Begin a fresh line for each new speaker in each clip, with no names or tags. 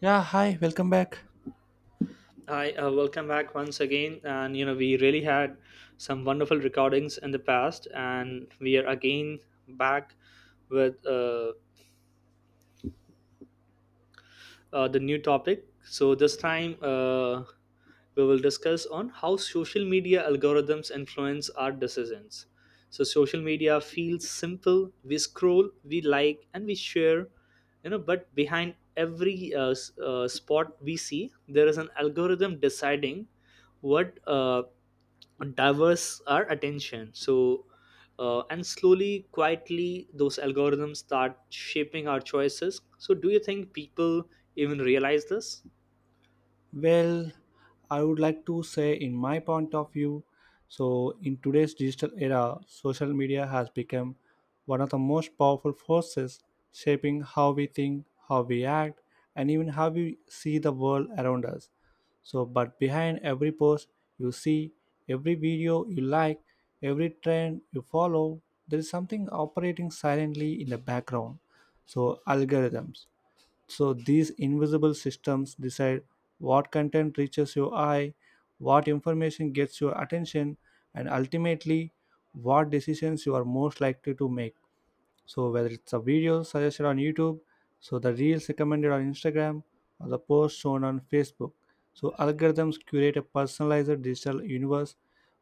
Yeah, hi, welcome back.
Hi, welcome back once again. And we really had some wonderful recordings in the past, and we are again back with the new topic. So this time, we will discuss on how social media algorithms influence our decisions. So social media feels simple. We scroll, we like, and we share. But behind every spot we see, there is an algorithm deciding what diverse our attention. So and slowly, quietly, those algorithms start shaping our choices. So do you think people even realize this?
Well, I would like to say, in my point of view, so in today's digital era, social media has become one of the most powerful forces shaping how we think, how we act, and even how we see the world around us. So, but behind every post you see, every video you like, every trend you follow, there is something operating silently in the background. So, algorithms. So these invisible systems decide what content reaches your eye, what information gets your attention, and ultimately what decisions you are most likely to make. So whether it's a video suggested on YouTube, so the reels recommended on Instagram, or the post shown on Facebook. So algorithms curate a personalized digital universe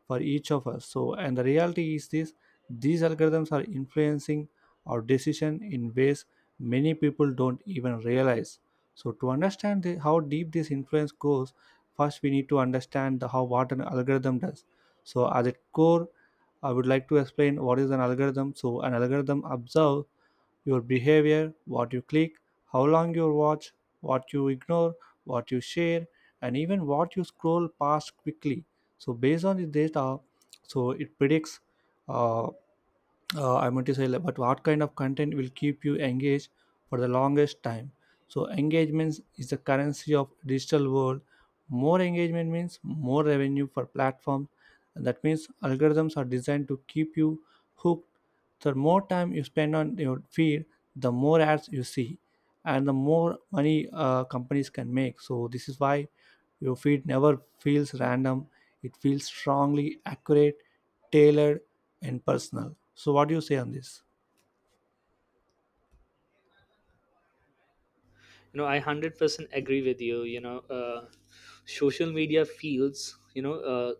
for each of us. So and the reality is this, these algorithms are influencing our decision in ways many people don't even realize. So to understand how deep this influence goes, first we need to understand the, how what an algorithm does. So at its core, I would like to explain what is an algorithm. So an algorithm observe your behavior, what you click, how long you watch, what you ignore, what you share, and even what you scroll past quickly. So based on the data, so it predicts uh, I want to say, like, but what kind of content will keep you engaged for the longest time? So engagement is the currency of digital world. More engagement means more revenue for platform, and that means algorithms are designed to keep you hooked. The more time you spend on your feed, the more ads you see, and the more money companies can make. So this is why your feed never feels random. It feels strongly accurate, tailored, and personal. So what do you say on this?
I 100% agree with you. You know Social media feels,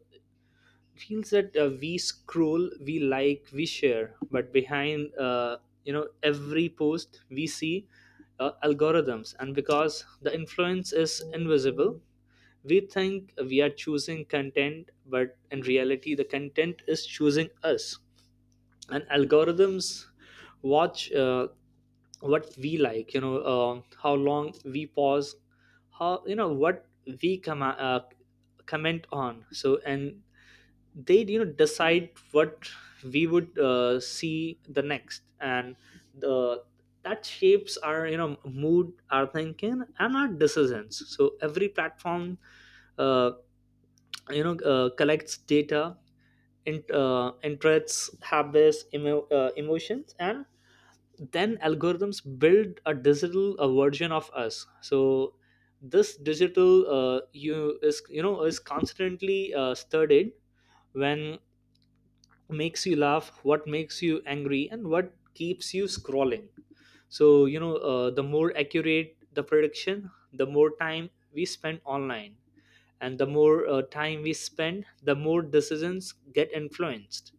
feels that we scroll, we like, we share, but behind, every post we see, algorithms. And because the influence is invisible, we think we are choosing content, but in reality the content is choosing us. And algorithms watch, what we like, how long we pause, how, what we comment on. So and they, decide what we would see the next. And the that shapes our, mood, our thinking, and our decisions. So every platform, uh, collects data in, interests, habits, emotions. And then algorithms build a digital version of us. So this digital you is, is constantly studied when makes you laugh, what makes you angry, and what keeps you scrolling. So the more accurate the prediction, the more time we spend online. And the more time we spend, the more decisions get influenced.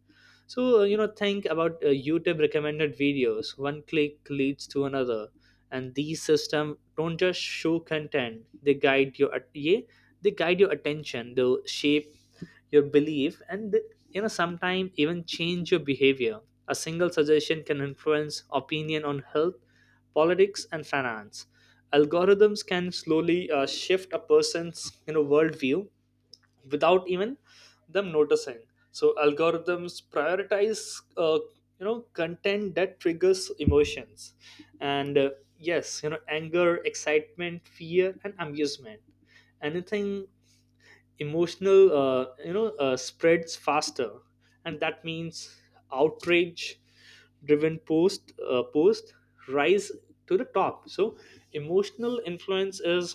So think about YouTube recommended videos. One click leads to another, and these system don't just show content, they guide your yeah, they guide your attention, they shape your belief and sometimes even change your behavior. A single suggestion can influence opinion on health, politics, and finance. Algorithms can slowly shift a person's, worldview without even them noticing. So algorithms prioritize content that triggers emotions. And yes, anger, excitement, fear, and amusement. Anything emotional, spreads faster, and that means outrage driven post rise to the top. So emotional influence is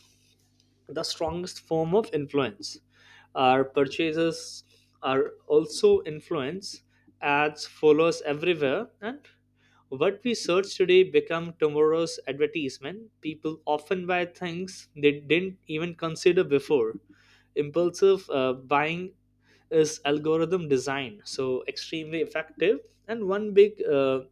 the strongest form of influence. Our purchases are also influence. Ads follows everywhere, and what we search today become tomorrow's advertisement. People often buy things they didn't even consider before. Impulsive buying is algorithm design, so extremely effective. And one big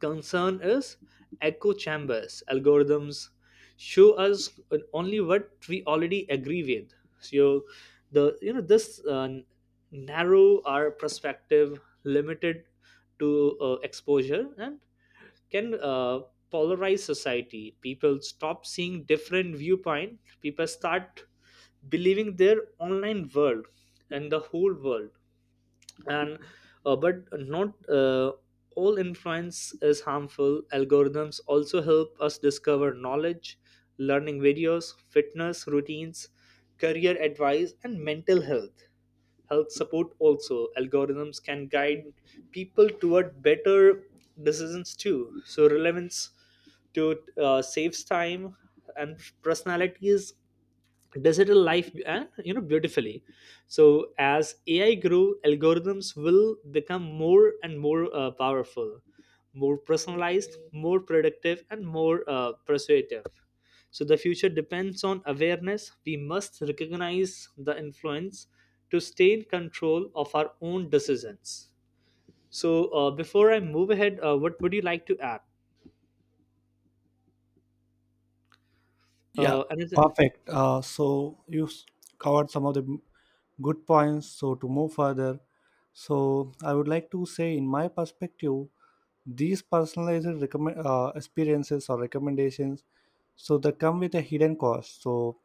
concern is echo chambers. Algorithms show us only what we already agree with. So the, you know this narrow our perspective, limited to exposure, and can polarize society. People stop seeing different viewpoint. People start believing their online world and the whole world. And but not all influence is harmful. Algorithms also help us discover knowledge, learning videos, fitness routines, career advice, and mental health support. Also algorithms can guide people toward better decisions too. So relevance to saves time, and personalities digital life, and beautifully. So as AI grew, algorithms will become more and more powerful, more personalized, more productive, and more persuasive. So the future depends on awareness. We must recognize the influence to stay in control of our own decisions. So before I move ahead, what would you like to add?
Yeah,
Another
perfect. Covered some of the good points. So to move further, so I would like to say, in my perspective, these personalized recommend experiences or recommendations, so they come with a hidden cost. So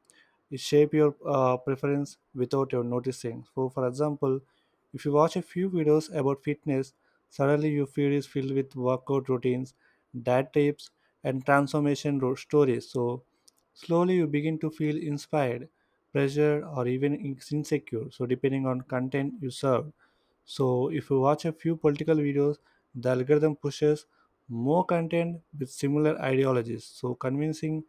it shape your preference without your noticing. So for example, if you watch a few videos about fitness, suddenly your feed is filled with workout routines, diet tips, and transformation stories. So slowly, you begin to feel inspired, pressured, or even insecure, so depending on content you serve. So if you watch a few political videos, the algorithm pushes more content with similar ideologies, so convincing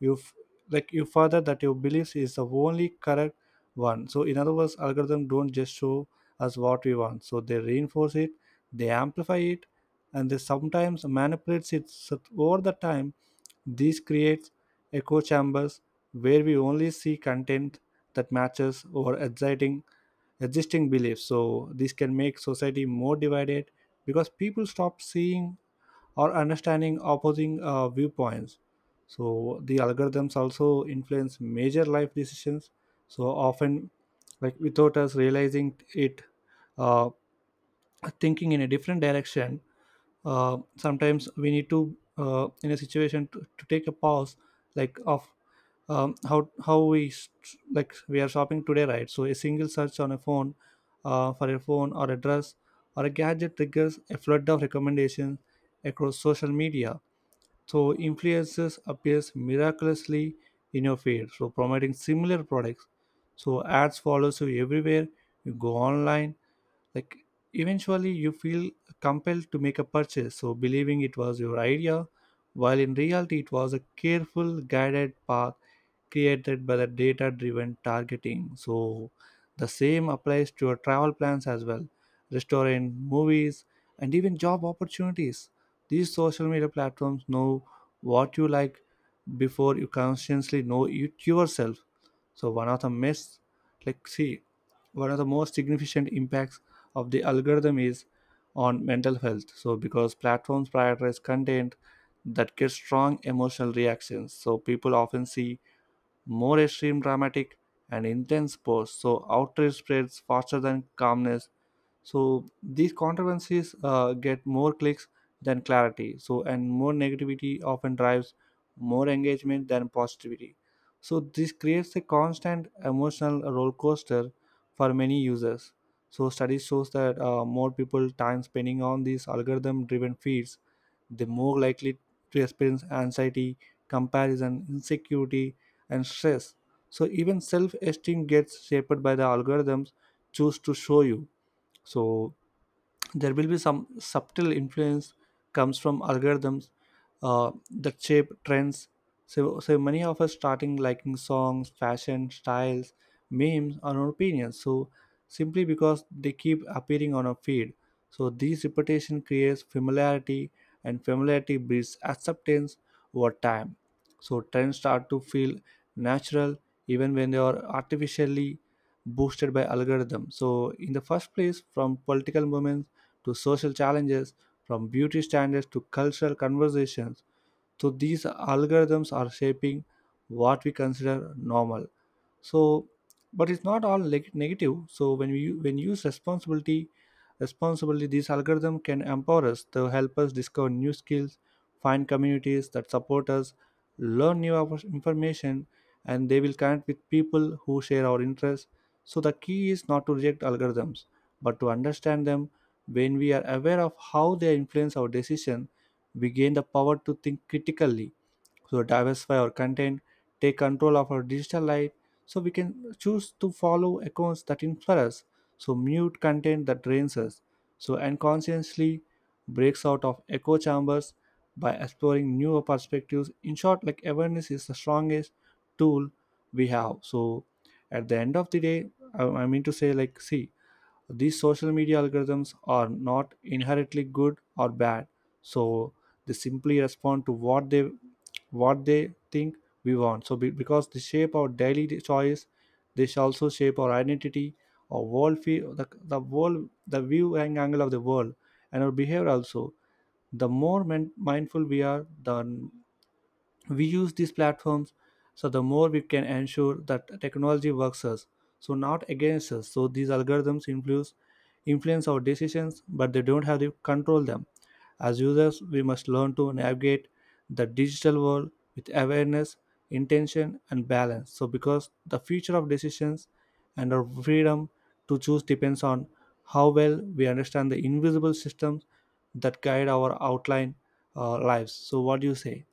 you f- like you further that your beliefs is the only correct one. So in other words, algorithm don't just show us what we want, so they reinforce it, they amplify it, and they sometimes manipulates it. So over the time, this creates echo chambers where we only see content that matches our exciting existing beliefs. So this can make society more divided because people stop seeing or understanding opposing viewpoints. So the algorithms also influence major life decisions so often, like, without us realizing it, uh, thinking in a different direction. Sometimes we need to in a situation to take a pause, like, of how like we are shopping today, right? So a single search on a phone for a phone or a dress or a gadget triggers a flood of recommendations across social media. So influencers appears miraculously in your feed, so promoting similar products. So ads follows you everywhere you go online, like, eventually you feel compelled to make a purchase, so believing it was your idea, while in reality it was a careful guided path created by the data driven targeting. So, the same applies to your travel plans as well. Restaurant, movies, and even job opportunities. These social media platforms know what you like before you consciously know it yourself. So, one of the myths, like, see, one of the most significant impacts of the algorithm is on mental health. So, because platforms prioritize content that gets strong emotional reactions, so people often see more extreme, dramatic, and intense pose. So outrage spreads faster than calmness. So these controversies get more clicks than clarity. So and more negativity often drives more engagement than positivity. So this creates a constant emotional roller coaster for many users. So study shows that more people time spending on these algorithm-driven feeds, the more likely to experience anxiety, comparison, insecurity, and stress. So even self-esteem gets shaped by the algorithms choose to show you. So there will be some subtle influence comes from algorithms that shape trends. So, so many of us starting liking songs, fashion styles, memes, and our opinions, so simply because they keep appearing on our feed. So this repetition creates familiarity, and familiarity breeds acceptance over time. So trends start to feel natural even when they are artificially boosted by algorithms. So in the first place, from political movements to social challenges, from beauty standards to cultural conversations. So, these algorithms are shaping what we consider normal. So but it's not all negative. So when we when use responsibility, these algorithm can empower us to help us discover new skills, find communities that support us, learn new information, and they will connect with people who share our interests. So the key is not to reject algorithms but to understand them. When we are aware of how they influence our decision, we gain the power to think critically, so diversify our content, take control of our digital life. So we can choose to follow accounts that inspire us, so mute content that drains us, so and consciously breaks out of echo chambers by exploring newer perspectives. In short, like, awareness is the strongest tool we have. So at the end of the day, I mean to say, like, see, these social media algorithms are not inherently good or bad. So they simply respond to what they, what they think we want. So, because they shape our daily choice, they shall also shape our identity, our world view, the world, the view and angle of the world, and our behavior also. The more mindful we are, the we use these platforms, so the more we can ensure that technology works us, so not against us. So these algorithms influence our decisions, but they don't have to control them. As users we must learn to navigate the digital world with awareness, intention, and balance. So because the future of decisions and our freedom to choose depends on how well we understand the invisible systems that guide our outline lives. So what do you say?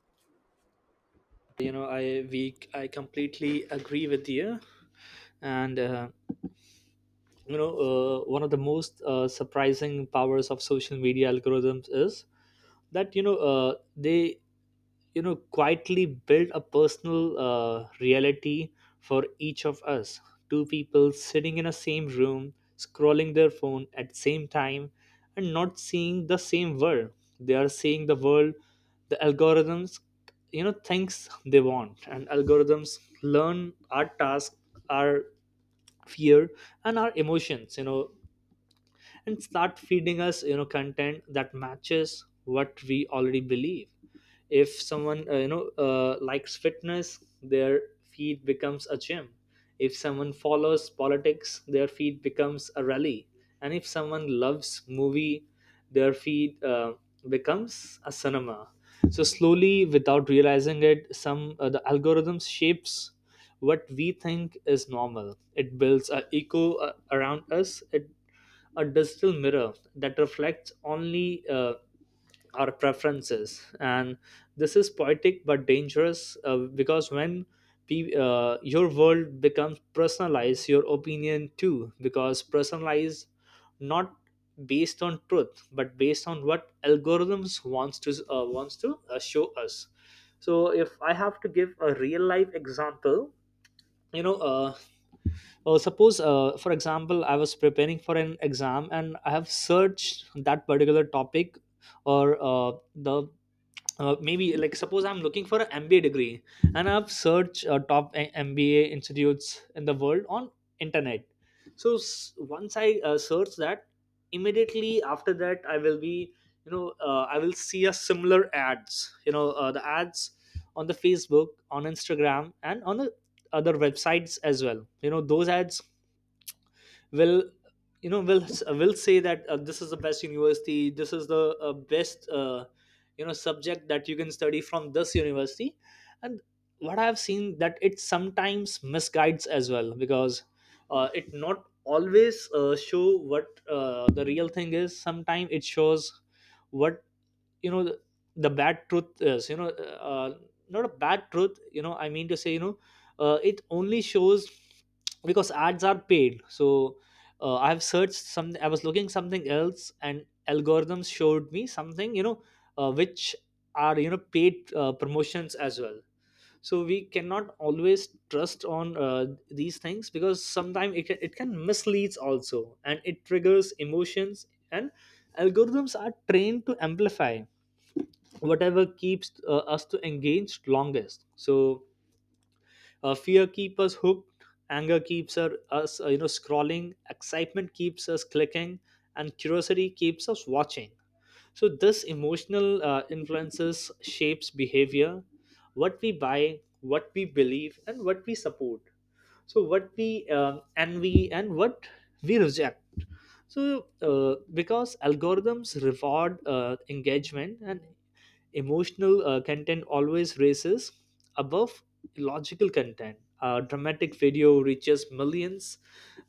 I completely agree with you. And one of the most surprising powers of social media algorithms is that, they, quietly build a personal reality for each of us. Two people sitting in a same room scrolling their phone at the same time and not seeing the same world. They are seeing the world the algorithms, thinks they want. And algorithms learn our task, our fear, and our emotions, and start feeding us, content that matches what we already believe. If someone likes fitness, their feed becomes a gym. If someone follows politics, their feed becomes a rally. And if someone loves movie, their feed becomes a cinema. So slowly, without realizing it, some the algorithms shapes what we think is normal. It builds a echo around us. It a digital mirror that reflects only our preferences. And this is poetic but dangerous, because when your world becomes personalized, your opinion too, because personalized not based on truth but based on what algorithms wants to show us. So if I have to give a real life example, you know uh, suppose, for example, I was preparing for an exam and I have searched that particular topic, or the maybe like suppose I'm looking for an MBA degree, and I've searched top, mba institutes in the world on internet. So once I search that, immediately after that I will be, I will see a similar ads, the ads on the Facebook, on Instagram, and on the other websites as well. Those ads will, you know will will say that this is the best university, this is the best subject that you can study from this university. And what I've seen that it sometimes misguides as well, because it not always show what the real thing is. Sometimes it shows what, you know the, the bad truth is, not a bad truth, I mean to say, it only shows because ads are paid. So I've searched some, I was looking something else and algorithms showed me something, which are, paid promotions as well. So we cannot always trust on these things, because sometimes it can misleads also. And it triggers emotions, and algorithms are trained to amplify whatever keeps us to engaged longest. So fear keeps us hooked, anger keeps us scrolling, excitement keeps us clicking, and curiosity keeps us watching. So this emotional influences shapes behavior, what we buy, what we believe, and what we support. So what we envy and what we reject. So because algorithms reward engagement, and emotional content always races above logical content. Dramatic video reaches millions,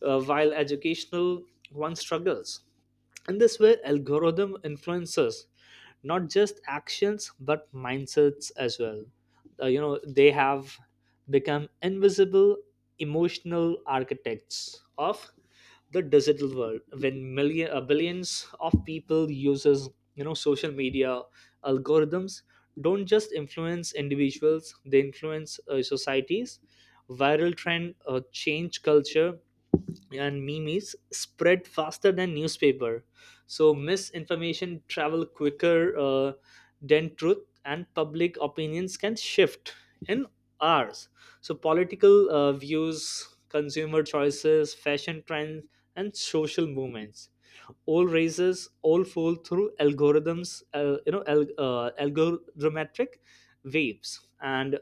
while educational one struggles. In this way algorithm influences not just actions but mindsets as well. They have become invisible emotional architects of the digital world. When million billions of people uses, social media, algorithms don't just influence individuals, they influence societies. Viral trend change culture, and memes spread faster than newspaper. So misinformation travel quicker than truth, and public opinions can shift in hours. So political views, consumer choices, fashion trends, and social movements all raises all fall through algorithms, algorithmic waves. And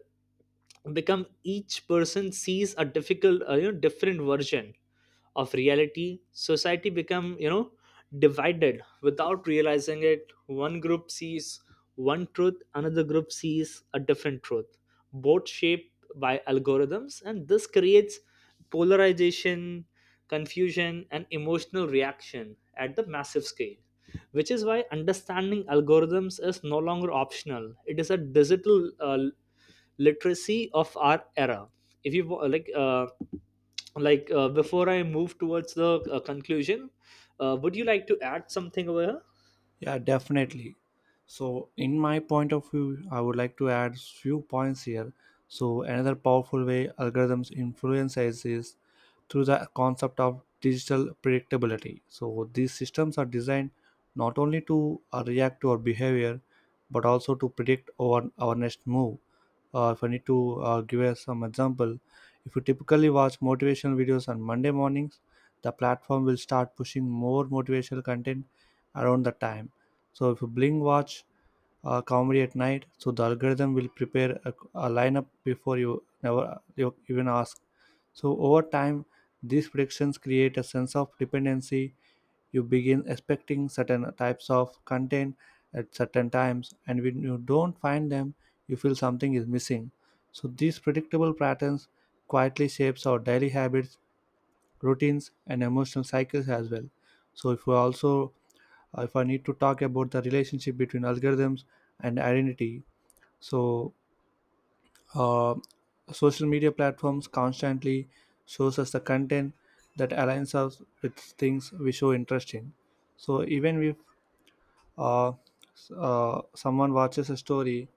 become each person sees a difficult you know different version of reality. Society become, divided without realizing it. One group sees one truth, another group sees a different truth, both shaped by algorithms. And this creates polarization, confusion, and emotional reaction at the massive scale, which is why understanding algorithms is no longer optional. It is a digital literacy of our era. If you wa- like uh, like uh, before I move towards the conclusion, would you like to add something over here?
Yeah, definitely. So, in my point of view, I would like to add few points here. So, another powerful way algorithms influence us is through the concept of digital predictability. So, these systems are designed not only to react to our behavior, but also to predict our next move. If I need to give us some example, if you typically watch motivational videos on Monday mornings, the platform will start pushing more motivational content around the time. So if you blink watch comedy at night, so the algorithm will prepare a lineup before you never you even ask. So over time, these predictions create a sense of dependency. You begin expecting certain types of content at certain times, and when you don't find them, you feel something is missing. So these predictable patterns quietly shapes our daily habits, routines, and emotional cycles as well. So if we also, if I need to talk about the relationship between algorithms and identity, so uh, social media platforms constantly shows us the content that aligns us with things we show interest in. So even if uh, someone watches a story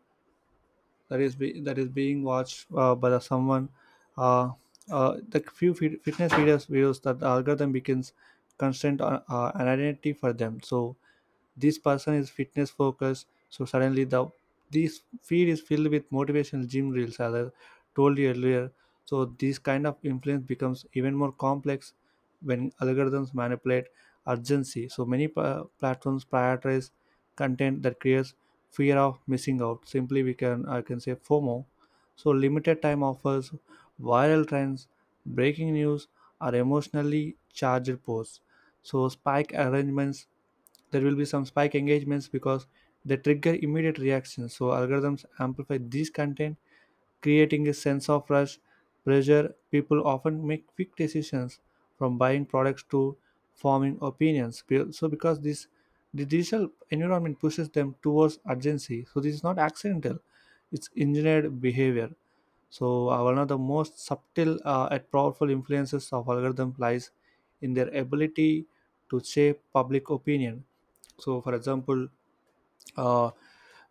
that is being watched by the someone, uh, the few fitness videos that the algorithm becomes constant an identity for them. So this person is fitness focused, so suddenly the this feed is filled with motivational gym reels as I told you earlier. So this kind of influence becomes even more complex when algorithms manipulate urgency. So many platforms prioritize content that creates fear of missing out, simply we can I can say FOMO. So limited time offers, viral trends, breaking news, or emotionally charged posts, so spike arrangements, there will be some spike engagements because they trigger immediate reactions. So algorithms amplify these content, creating a sense of rush, pressure. People often make quick decisions, from buying products to forming opinions. So because this, the digital environment pushes them towards urgency, so this is not accidental, it's engineered behavior. So, one of the most subtle and powerful influences of algorithm lies in their ability to shape public opinion. So, for example, uh,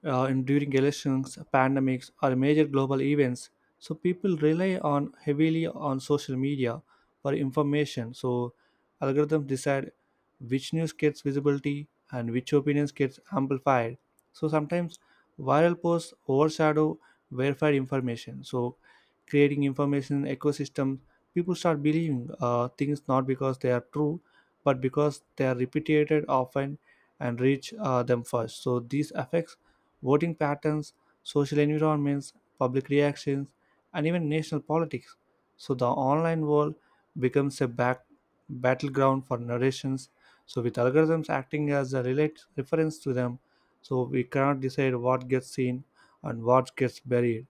during elections, pandemics, or major global events. So people rely on heavily on social media for information. So algorithms decide which news gets visibility and which opinions gets amplified. So sometimes viral posts overshadow verified information. So creating information ecosystem, people start believing things not because they are true, but because they are repeated often and reach them first. So these affects voting patterns, social environments, public reactions, and even national politics. So the online world becomes a back battleground for narrations. So with algorithms acting as a relate reference to them, so we cannot decide what gets seen and what gets buried.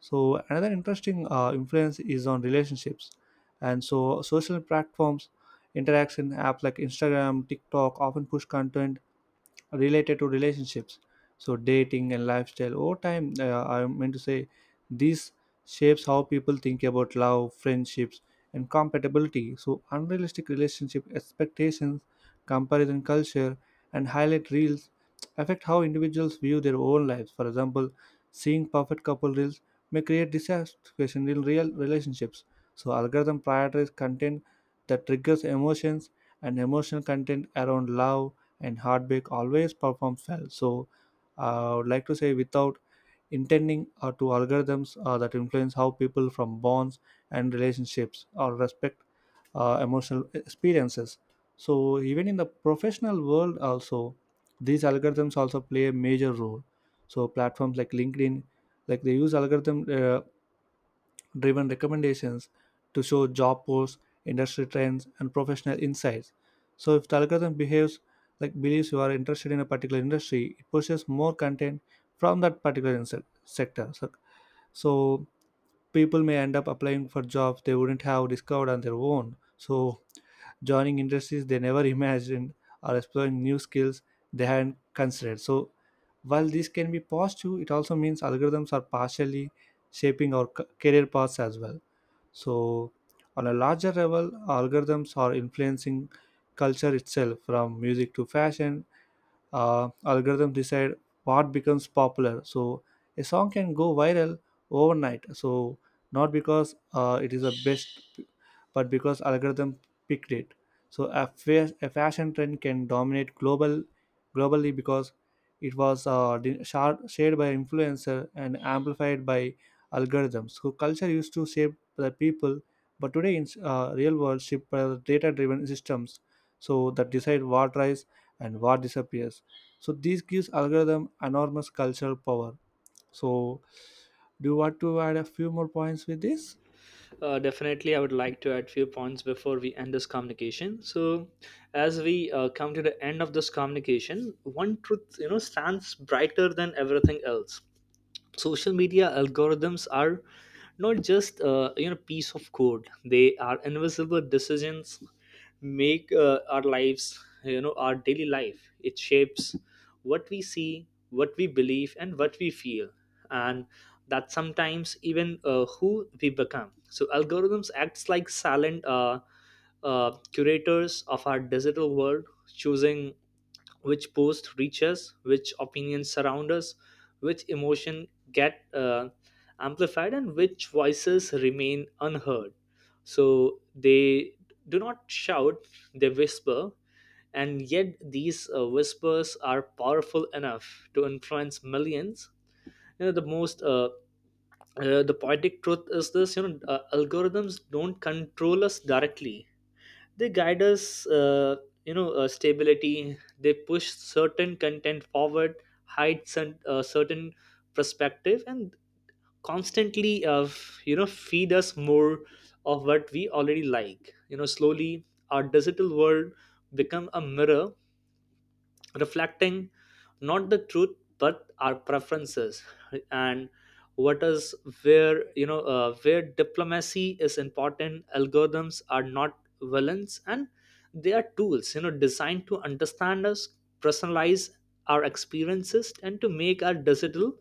So another interesting influence is on relationships, and so social platforms, interaction apps like Instagram, TikTok often push content related to relationships, so dating and lifestyle over time. I meant to say this shapes how people think about love, friendships, and compatibility. So unrealistic relationship expectations, comparison culture, and highlight reels affect how individuals view their own lives. For example, seeing perfect couple reels may create dissatisfaction in real relationships. So algorithm prioritize content that triggers emotions, and emotional content around love and heartbreak always performs well. So I would like to say without intending to algorithms that influence how people from bonds and relationships or respect emotional experiences. So even in the professional world also, these algorithms also play a major role. So platforms like LinkedIn, like they use algorithm driven recommendations to show job posts, industry trends, and professional insights. So if the algorithm behaves like believes you are interested in a particular industry, it pushes more content from that particular sector. So people may end up applying for jobs they wouldn't have discovered on their own. So joining industries they never imagined, or exploring new skills they hadn't considered. So while this can be positive, it also means algorithms are partially shaping our career paths as well. So, on a larger level, algorithms are influencing culture itself. From music to fashion, algorithm decide what becomes popular. So a song can go viral overnight, so not because it is the best but because algorithm picked it. So a fashion trend can dominate globally because it was shared by influencer and amplified by algorithms. So culture used to shape the people, but today in real world shaped by data driven systems so that decide what rise and what disappears. So this gives algorithm enormous cultural power. So do you want to add a few more points with this?
Definitely, I would like to add few points before we end this communication. So as we come to the end of this communication, one truth, stands brighter than everything else. Social media algorithms are not just, piece of code. They are invisible decisions make our lives, our daily life. It shapes what we see, what we believe, and what we feel, and that sometimes even, who we become. So algorithms acts like silent, curators of our digital world, choosing which post reach us, which opinions surround us, which emotion get amplified, and which voices remain unheard. So they do not shout, they whisper, and yet these whispers are powerful enough to influence millions. You know, the most uh, the poetic truth is this: algorithms don't control us directly, they guide us, stability. They push certain content forward, hide some, certain perspective, and constantly feed us more of what we already like. Slowly our digital world become a mirror reflecting not the truth but our preferences. And what is where, where diplomacy is important. Algorithms are not villains, and they are tools, designed to understand us, personalize our experiences, and to make our digital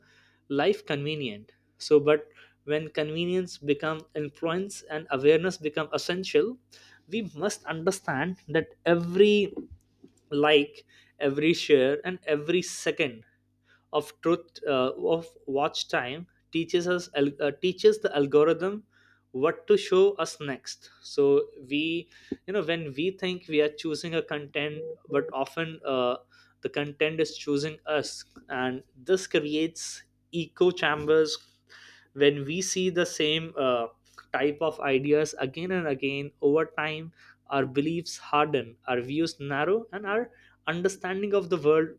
life convenient. So but when convenience become influence and awareness become essential, we must understand that every like, every share, and every second of truth, of watch time, teaches the algorithm what to show us next. So we, when we think we are choosing a content, but often, the content is choosing us. And this creates echo chambers. When we see the same, type of ideas again and again, over time our beliefs harden, our views narrow, and our understanding of the world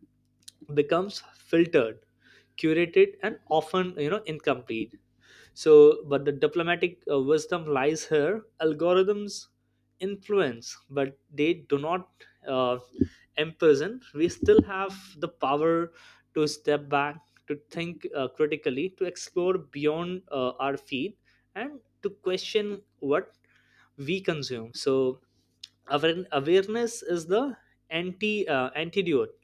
becomes filtered, curated, and often, incomplete. So but the diplomatic wisdom lies here. Algorithms influence, but they do not imprison. We still have the power to step back, to think critically, to explore beyond our feet, and to question what we consume. So awareness is the antidote.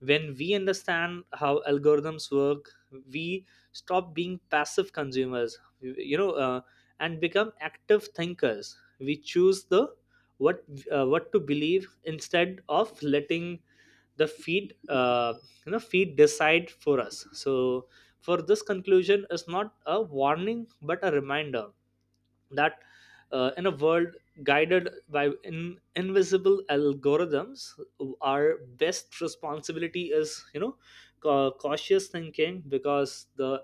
When we understand how algorithms work, we stop being passive consumers, and become active thinkers. We choose the what what to believe instead of letting the feed you know feed decide for us. So for this conclusion is not a warning but a reminder that, in a world guided by invisible algorithms, our best responsibility is, cautious thinking, because the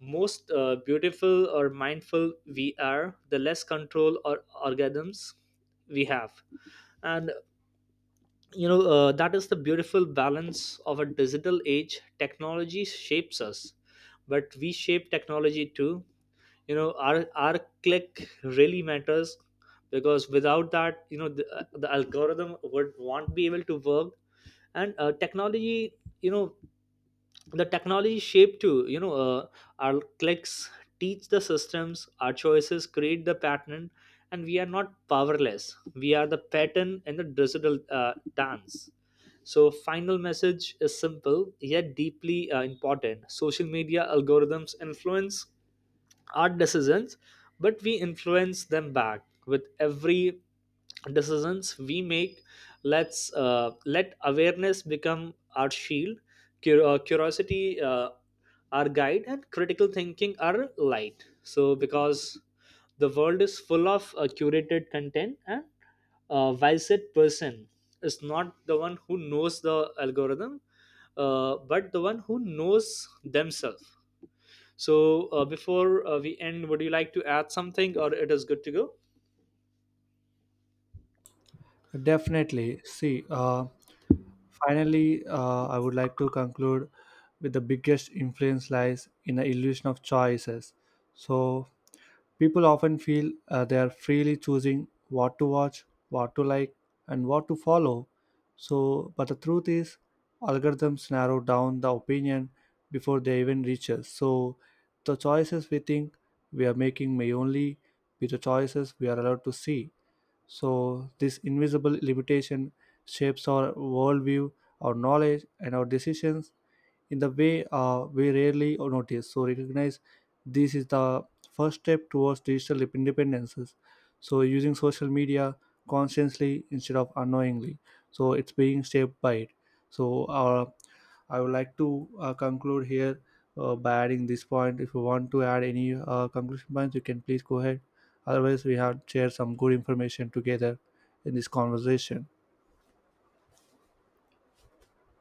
most beautiful or mindful we are, the less control or algorithms we have. And that is the beautiful balance of a digital age. Technology shapes us, but we shape technology too. Our click really matters, because without that, the algorithm would won't be able to work. And technology, you know the technology shape too, our clicks teach the systems, our choices create the pattern, and we are not powerless. We are the pattern in the digital dance. So final message is simple yet deeply important. Social media algorithms influence our decisions, but we influence them back with every decisions we make. Let's let awareness become our shield, curiosity, our guide, and critical thinking our light. So because the world is full of curated content, and while said person is not the one who knows the algorithm, but the one who knows themselves. So before, we end, would you like to add something, or it is good to go?
Definitely. See, finally, I would like to conclude with the biggest influence lies in the illusion of choices. So people often feel they are freely choosing what to watch, what to like, and what to follow. So, but the truth is, algorithms narrow down the opinion before they even reach us. So, the choices we think we are making may only be the choices we are allowed to see. So, this invisible limitation shapes our worldview, our knowledge, and our decisions in the way we rarely notice. So recognize this is the first step towards digital independences. So using social media consciously instead of unknowingly. So it's being shaped by it. So I would like to conclude here by adding this point. If you want to add any conclusion points, you can please go ahead. Otherwise, we have shared some good information together in this conversation.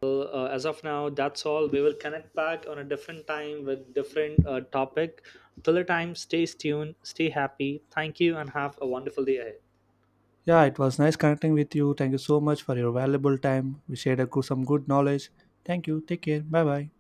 So, as of now that's all. We will connect back on a different time with different topic. Till the time, stay tuned, stay happy. Thank you, and have a wonderful day ahead.
Yeah, it was nice connecting with you. Thank you so much for your valuable time. We shared a good, some good knowledge. Thank you. Take care. Bye bye.